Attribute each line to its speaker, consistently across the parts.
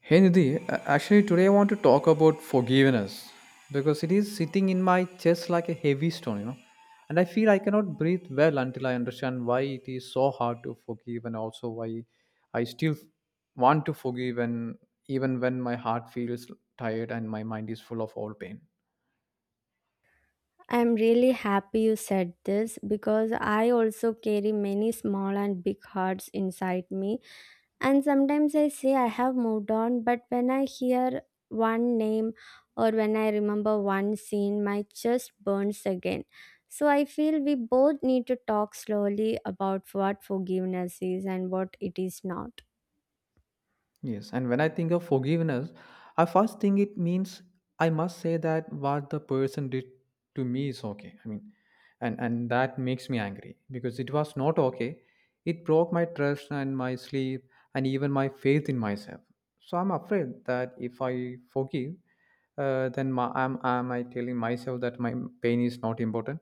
Speaker 1: Hey Nidhi, actually today I want to talk about forgiveness because it is sitting in my chest like a heavy stone. And I feel I cannot breathe well until I understand why it is so hard to forgive and also why I still want to forgive and even when my heart feels tired and my mind is full of all pain.
Speaker 2: I'm really happy you said this because I also carry many small and big hearts inside me. And sometimes I say I have moved on, but when I hear one name or when I remember one scene, my chest burns again. So I feel we both need to talk slowly about what forgiveness is and what it is not.
Speaker 1: Yes, and when I think of forgiveness, I first think it means I must say that what the person did to me is okay. I mean, and that makes me angry because it was not okay. It broke my trust and my sleep and even my faith in myself. So I'm afraid that if I forgive, then am I telling myself that my pain is not important?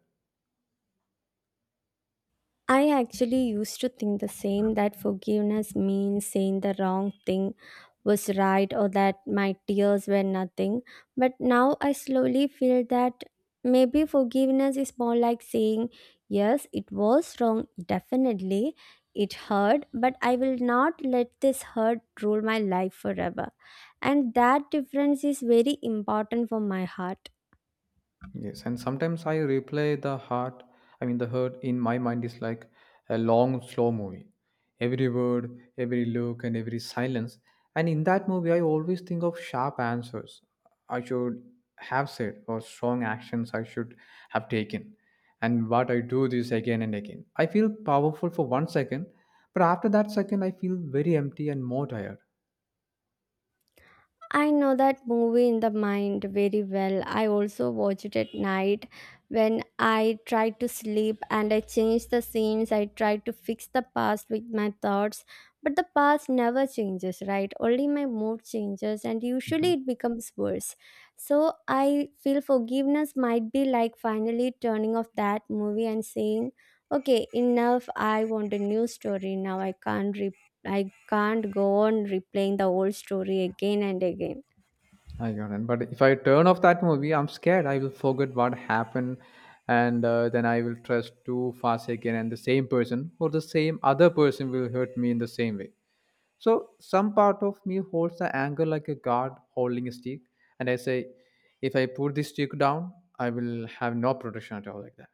Speaker 2: I actually used to think the same, that forgiveness means saying the wrong thing was right or that my tears were nothing. But now I slowly feel that maybe forgiveness is more like saying, yes, it was wrong, definitely. It hurt, but I will not let this hurt rule my life forever. And that difference is very important for my heart.
Speaker 1: Yes, and sometimes I replay I mean, the hurt in my mind is like a long, slow movie. Every word, every look, and every silence. And in that movie, I always think of sharp answers I should have said or strong actions I should have taken. And what I do this again and again. I feel powerful for 1 second, but after that second, I feel very empty and more tired.
Speaker 2: I know that movie in the mind very well. I also watch it at night when I try to sleep and I change the scenes. I try to fix the past with my thoughts, but the past never changes, right? Only my mood changes and usually it becomes worse. So I feel forgiveness might be like finally turning off that movie and saying, okay, enough. I want a new story now. I can't go on replaying the old story again and again.
Speaker 1: I got it. But if I turn off that movie, I'm scared I will forget what happened, and then I will trust too fast again, and the same person or the same other person will hurt me in the same way. So some part of me holds the anger like a guard holding a stick, and I say, if I put this stick down, I will have no protection at all like that.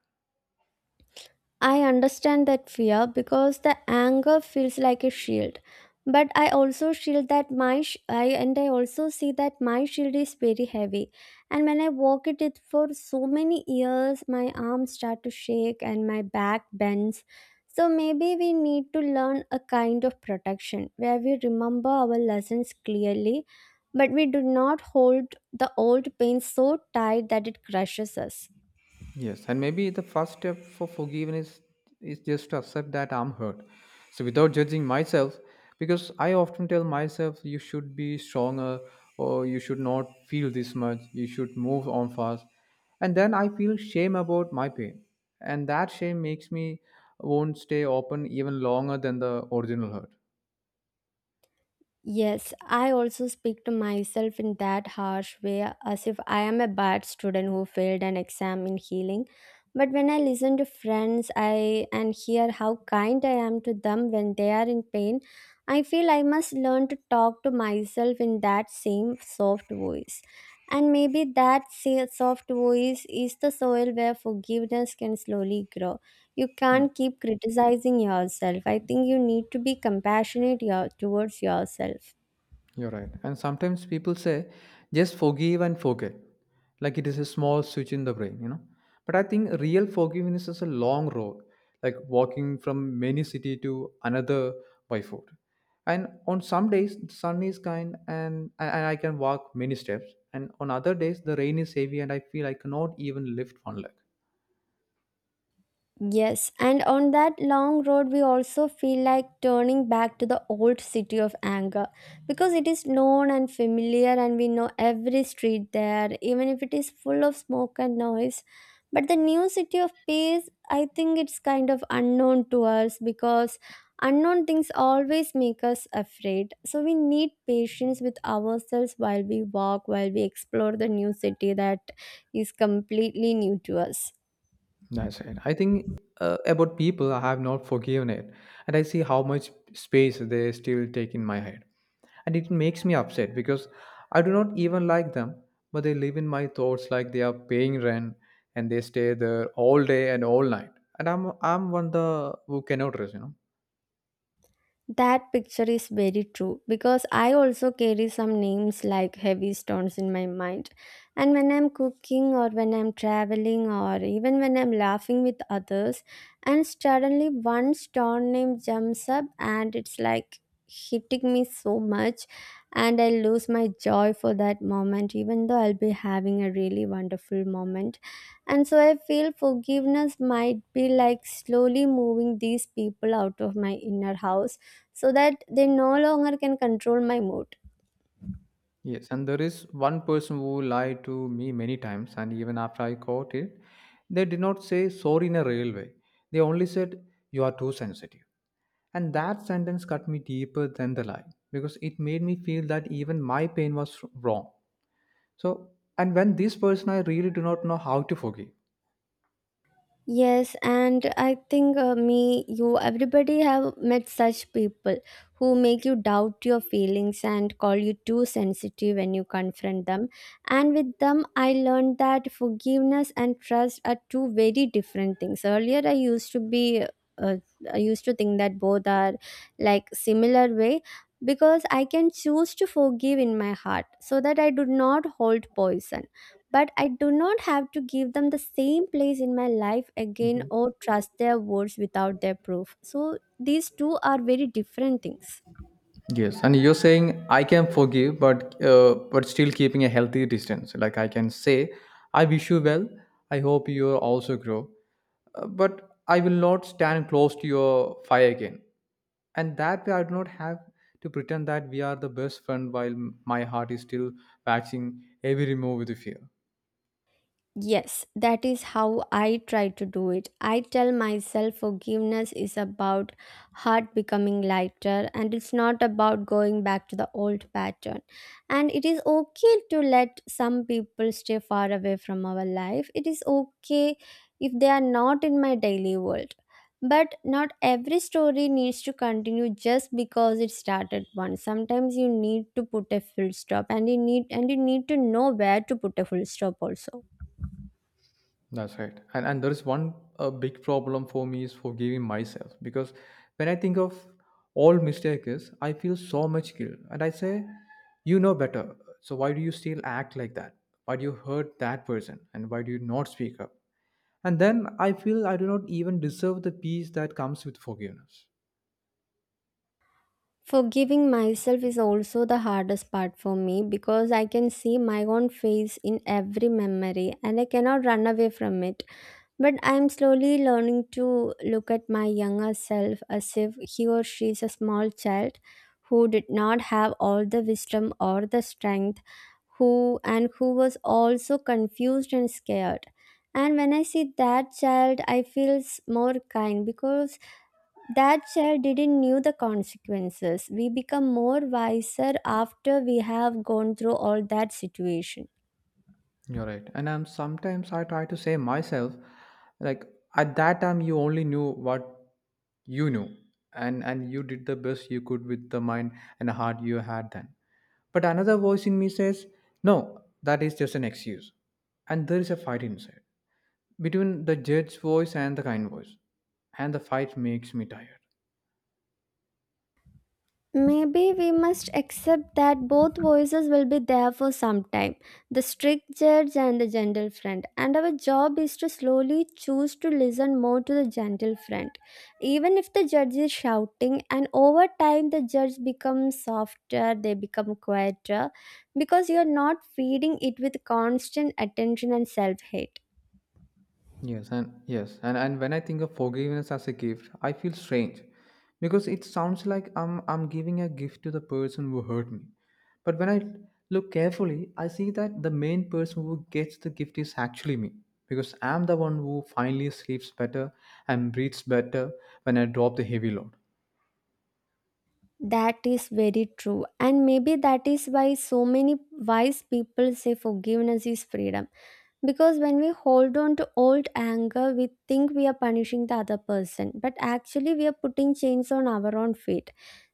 Speaker 2: I understand that fear because the anger feels like a shield. But I also shield that my sh- I and I also see that my shield is very heavy, and when I walk it for so many years, my arms start to shake and my back bends. So maybe we need to learn a kind of protection where we remember our lessons clearly, but we do not hold the old pain so tight that it crushes us.
Speaker 1: Yes, and maybe the first step for forgiveness is just to accept that I'm hurt. So without judging myself, because I often tell myself you should be stronger or you should not feel this much, you should move on fast. And then I feel shame about my pain. And that shame makes me won't stay open even longer than the original hurt.
Speaker 2: Yes, I also speak to myself in that harsh way, as if I am a bad student who failed an exam in healing. But when I listen to friends I and hear how kind I am to them when they are in pain, I feel I must learn to talk to myself in that same soft voice. And maybe that soft voice is the soil where forgiveness can slowly grow. You can't keep criticizing yourself. I think you need to be compassionate towards yourself.
Speaker 1: You're right. And sometimes people say, just forgive and forget. Like it is a small switch in the brain. But I think real forgiveness is a long road, like walking from many city to another by foot. And on some days, the sun is kind and I can walk many steps. And on other days, the rain is heavy and I feel I cannot even lift one leg.
Speaker 2: Yes, and on that long road, we also feel like turning back to the old city of anger because it is known and familiar, and we know every street there, even if it is full of smoke and noise. But the new city of peace, I think it's kind of unknown to us because unknown things always make us afraid. So we need patience with ourselves while we walk, while we explore the new city that is completely new to us.
Speaker 1: That's it. I think about people I have not forgiven it, and I see how much space they still take in my head, and it makes me upset because I do not even like them, but they live in my thoughts like they are paying rent and they stay there all day and all night, and I'm one the who cannot rest.
Speaker 2: That picture is very true because I also carry some names like heavy stones in my mind. And when I'm cooking or when I'm traveling or even when I'm laughing with others, and suddenly one stone name jumps up and it's like hitting me so much, and I lose my joy for that moment, even though I'll be having a really wonderful moment. And so I feel forgiveness might be like slowly moving these people out of my inner house so that they no longer can control my mood.
Speaker 1: Yes, and there is one person who lied to me many times, and even after I caught it, they did not say sorry in a real way. They only said you are too sensitive. And that sentence cut me deeper than the lie because it made me feel that even my pain was wrong. So, and when this person, I really do not know how to forgive.
Speaker 2: Yes, and I think, me, you, everybody have met such people who make you doubt your feelings and call you too sensitive when you confront them. And with them I learned that forgiveness and trust are two very different things. Earlier I used to be, uh, I used to think that both are like similar way, because I can choose to forgive in my heart so that I do not hold poison, but I do not have to give them the same place in my life again or trust their words without their proof. So these two are very different things.
Speaker 1: Yes, and you're saying I can forgive, but still keeping a healthy distance. Like I can say, I wish you well. I hope you also grow, but I will not stand close to your fire again. And that way, I do not have to pretend that we are the best friend while my heart is still waxing every remove with fear.
Speaker 2: Yes, that is how I try to do it. I tell myself forgiveness is about heart becoming lighter and it's not about going back to the old pattern. And it is okay to let some people stay far away from our life. It is okay if they are not in my daily world. But not every story needs to continue just because it started once. Sometimes you need to put a full stop and you need to know where to put a full stop also.
Speaker 1: That's right. And there is one a big problem for me is forgiving myself because when I think of all mistakes, I feel so much guilt and I say, you know better. So why do you still act like that? Why do you hurt that person? And why do you not speak up? And then I feel I do not even deserve the peace that comes with forgiveness.
Speaker 2: Forgiving myself is also the hardest part for me because I can see my own face in every memory and I cannot run away from it. But I am slowly learning to look at my younger self as if he or she is a small child who did not have all the wisdom or the strength who was also confused and scared. And when I see that child, I feel more kind because that child didn't knew the consequences. We become more wiser after we have gone through all that situation.
Speaker 1: You're right. And I'm sometimes I try to say myself, like at that time you only knew what you knew and you did the best you could with the mind and heart you had then. But another voice in me says, no, that is just an excuse. And there is a fight inside between the judge's voice and the kind voice. And the fight makes me tired.
Speaker 2: Maybe we must accept that both voices will be there for some time, the strict judge and the gentle friend. And our job is to slowly choose to listen more to the gentle friend. Even if the judge is shouting, and over time the judge becomes softer, they become quieter because you're not feeding it with constant attention and self hate.
Speaker 1: Yes, and when I think of forgiveness as a gift, I feel strange because it sounds like I'm giving a gift to the person who hurt me. But when I look carefully, I see that the main person who gets the gift is actually me because I'm the one who finally sleeps better and breathes better when I drop the heavy load.
Speaker 2: That is very true, and maybe that is why so many wise people say forgiveness is freedom. Because when we hold on to old anger, we think we are punishing the other person, but actually, we are putting chains on our own feet.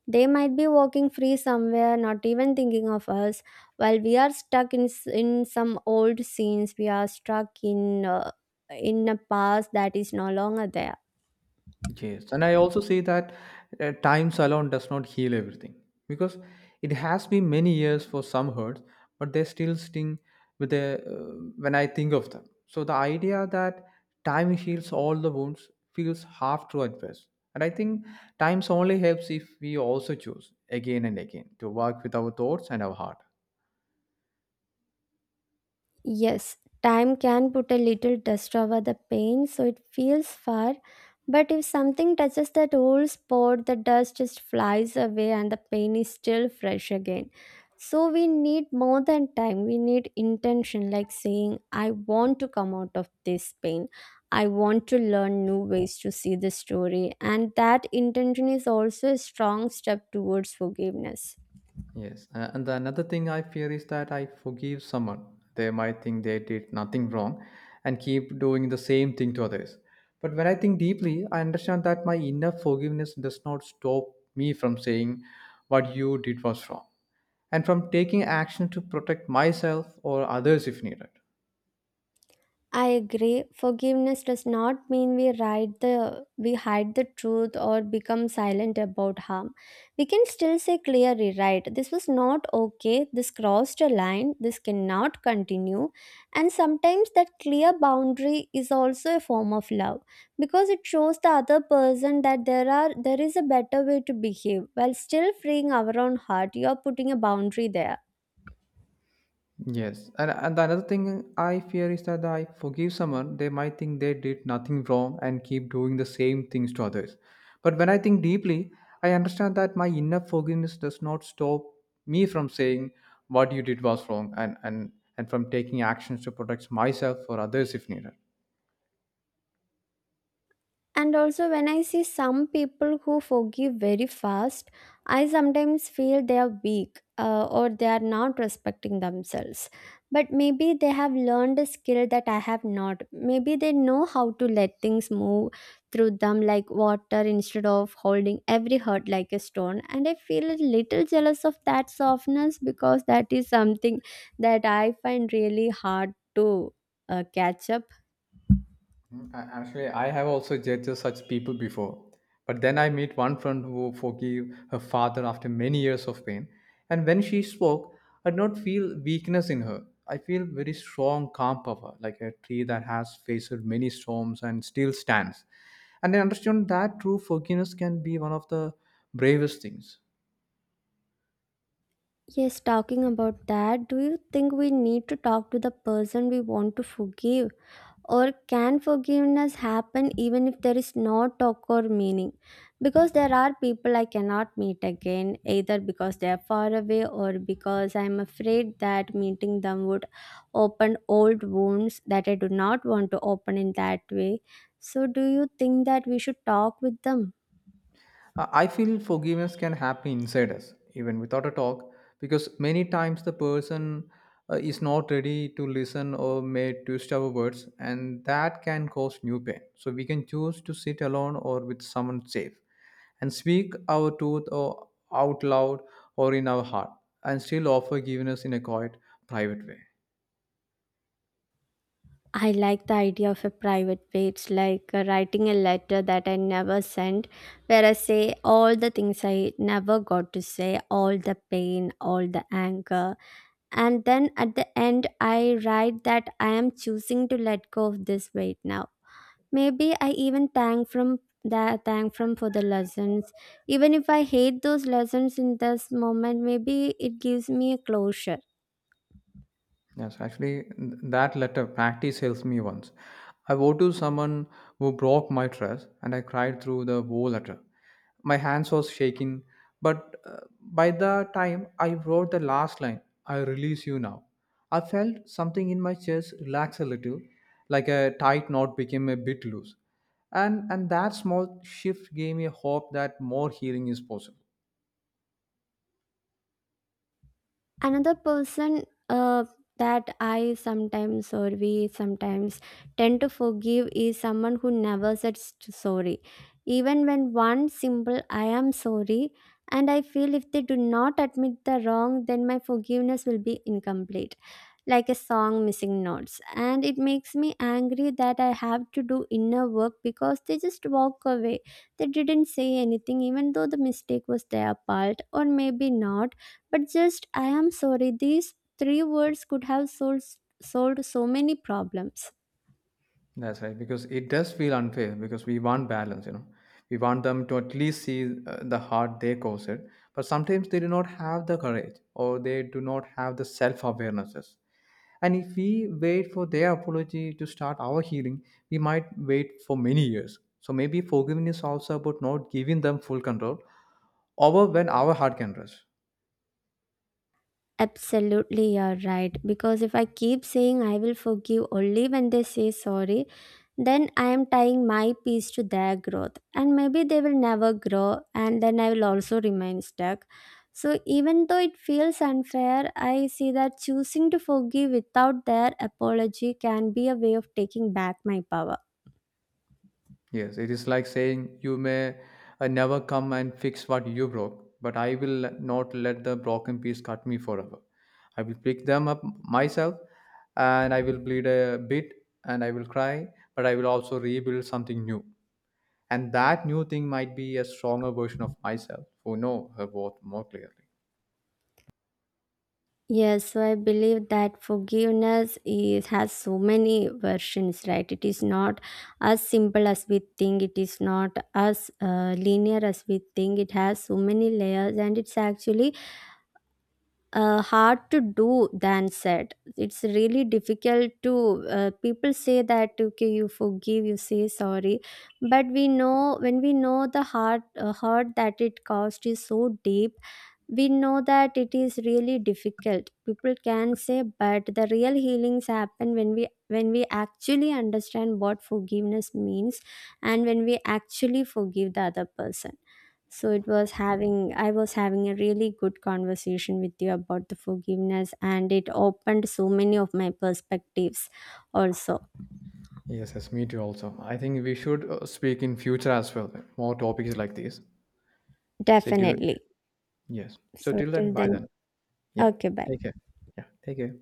Speaker 2: They might be walking free somewhere, not even thinking of us, while we are stuck in some old scenes. We are stuck in a past that is no longer there.
Speaker 1: Yes, and I also say that time alone does not heal everything because it has been many years for some hurts, but they still sting with the when I think of them. So the idea that time heals all the wounds feels half true at best, and I think times only helps if we also choose again and again to work with our thoughts and our heart.
Speaker 2: Yes, time can put a little dust over the pain so it feels far, but if something touches that old spot, the dust just flies away and the pain is still fresh again. So we need more than time. We need intention, like saying, I want to come out of this pain. I want to learn new ways to see the story. And that intention is also a strong step towards forgiveness.
Speaker 1: Yes, and the another thing I fear is that I forgive someone. They might think they did nothing wrong and keep doing the same thing to others. But when I think deeply, I understand that my inner forgiveness does not stop me from saying what you did was wrong and from taking action to protect myself or others if needed.
Speaker 2: I agree. Forgiveness does not mean we hide the truth or become silent about harm. We can still say clearly, right? This was not okay. This crossed a line. This cannot continue. And sometimes that clear boundary is also a form of love because it shows the other person that there is a better way to behave while still freeing our own heart. You are putting a boundary there.
Speaker 1: Yes, and the another thing I fear is that I forgive someone, they might think they did nothing wrong and keep doing the same things to others. But when I think deeply, I understand that my inner forgiveness does not stop me from saying what you did was wrong and from taking actions to protect myself or others if needed.
Speaker 2: And also, when I see some people who forgive very fast, I sometimes feel they are weak, or they are not respecting themselves. But maybe they have learned a skill that I have not. Maybe they know how to let things move through them like water instead of holding every hurt like a stone. And I feel a little jealous of that softness because that is something that I find really hard to, catch up.
Speaker 1: Actually, I have also judged such people before. But then I meet one friend who forgave her father after many years of pain. And when she spoke, I did not feel weakness in her. I feel very strong, calm power, like a tree that has faced many storms and still stands. And I understand that true forgiveness can be one of the bravest things.
Speaker 2: Yes, talking about that, do you think we need to talk to the person we want to forgive? Or can forgiveness happen even if there is no talk or meaning? Because there are people I cannot meet again, either because they are far away or because I am afraid that meeting them would open old wounds that I do not want to open in that way. So, do you think that we should talk with them?
Speaker 1: I feel forgiveness can happen inside us, even without a talk, because many times the person is not ready to listen or may twist our words, and that can cause new pain. So we can choose to sit alone or with someone safe and speak our truth or out loud or in our heart, and still offer forgiveness in a quiet, private way.
Speaker 2: I like the idea of a private page, like writing a letter that I never sent, where I say all the things I never got to say, all the pain, all the anger. And then at the end, I write that I am choosing to let go of this weight now. Maybe I even thank from that thank from for the lessons. Even if I hate those lessons in this moment, maybe it gives me a closure.
Speaker 1: Yes, actually, that letter practice helps me once. I wrote to someone who broke my trust, and I cried through the whole letter. My hands was shaking, but by the time I wrote the last line, "I release you now," I felt something in my chest relax a little, like a tight knot became a bit loose, and that small shift gave me hope that more healing is possible.
Speaker 2: Another person, uh, that I sometimes or we sometimes tend to forgive is someone who never says sorry, even when one simple I am sorry. And I feel if they do not admit the wrong, then my forgiveness will be incomplete, like a song missing notes. And it makes me angry that I have to do inner work because they just walk away. They didn't say anything, even though the mistake was their part, or maybe not. But just, I am sorry, these three words could have solved so many problems.
Speaker 1: That's right, because it does feel unfair because we want balance. We want them to at least see the hurt they caused it, but sometimes they do not have the courage or they do not have the self awarenesses. And if we wait for their apology to start our healing, we might wait for many years. So maybe forgiveness also about not giving them full control over when our heart can rest.
Speaker 2: Absolutely, you're right. Because if I keep saying I will forgive only when they say sorry, then I am tying my peace to their growth. And maybe they will never grow, and then I will also remain stuck. So, even though it feels unfair, I see that choosing to forgive without their apology can be a way of taking back my power.
Speaker 1: Yes, it is like saying, you may never come and fix what you broke, but I will not let the broken piece cut me forever. I will pick them up myself and I will bleed a bit and I will cry, but I will also rebuild something new. And that new thing might be a stronger version of myself who know her worth more clearly.
Speaker 2: Yes, so I believe that forgiveness is has so many versions, right? It is not as simple as we think. It is not as, linear as we think. It has so many layers, and it's actually, hard to do than said. It's really difficult to. People say that okay, you forgive, you say sorry, but we know, when we know the heart, hurt that it caused is so deep, we know that it is really difficult. People can say, but the real healings happen when we actually understand what forgiveness means, and when we actually forgive the other person. So it was having I was having a really good conversation with you about the forgiveness, and it opened so many of my perspectives also.
Speaker 1: Yes, yes, me too. Also, I think we should speak in future as well. More topics like this. So do
Speaker 2: Definitely.
Speaker 1: Yes. So
Speaker 2: So
Speaker 1: till then,
Speaker 2: till
Speaker 1: bye
Speaker 2: then,
Speaker 1: then. Yeah.
Speaker 2: okay, bye.
Speaker 1: Take care. Yeah. Take care.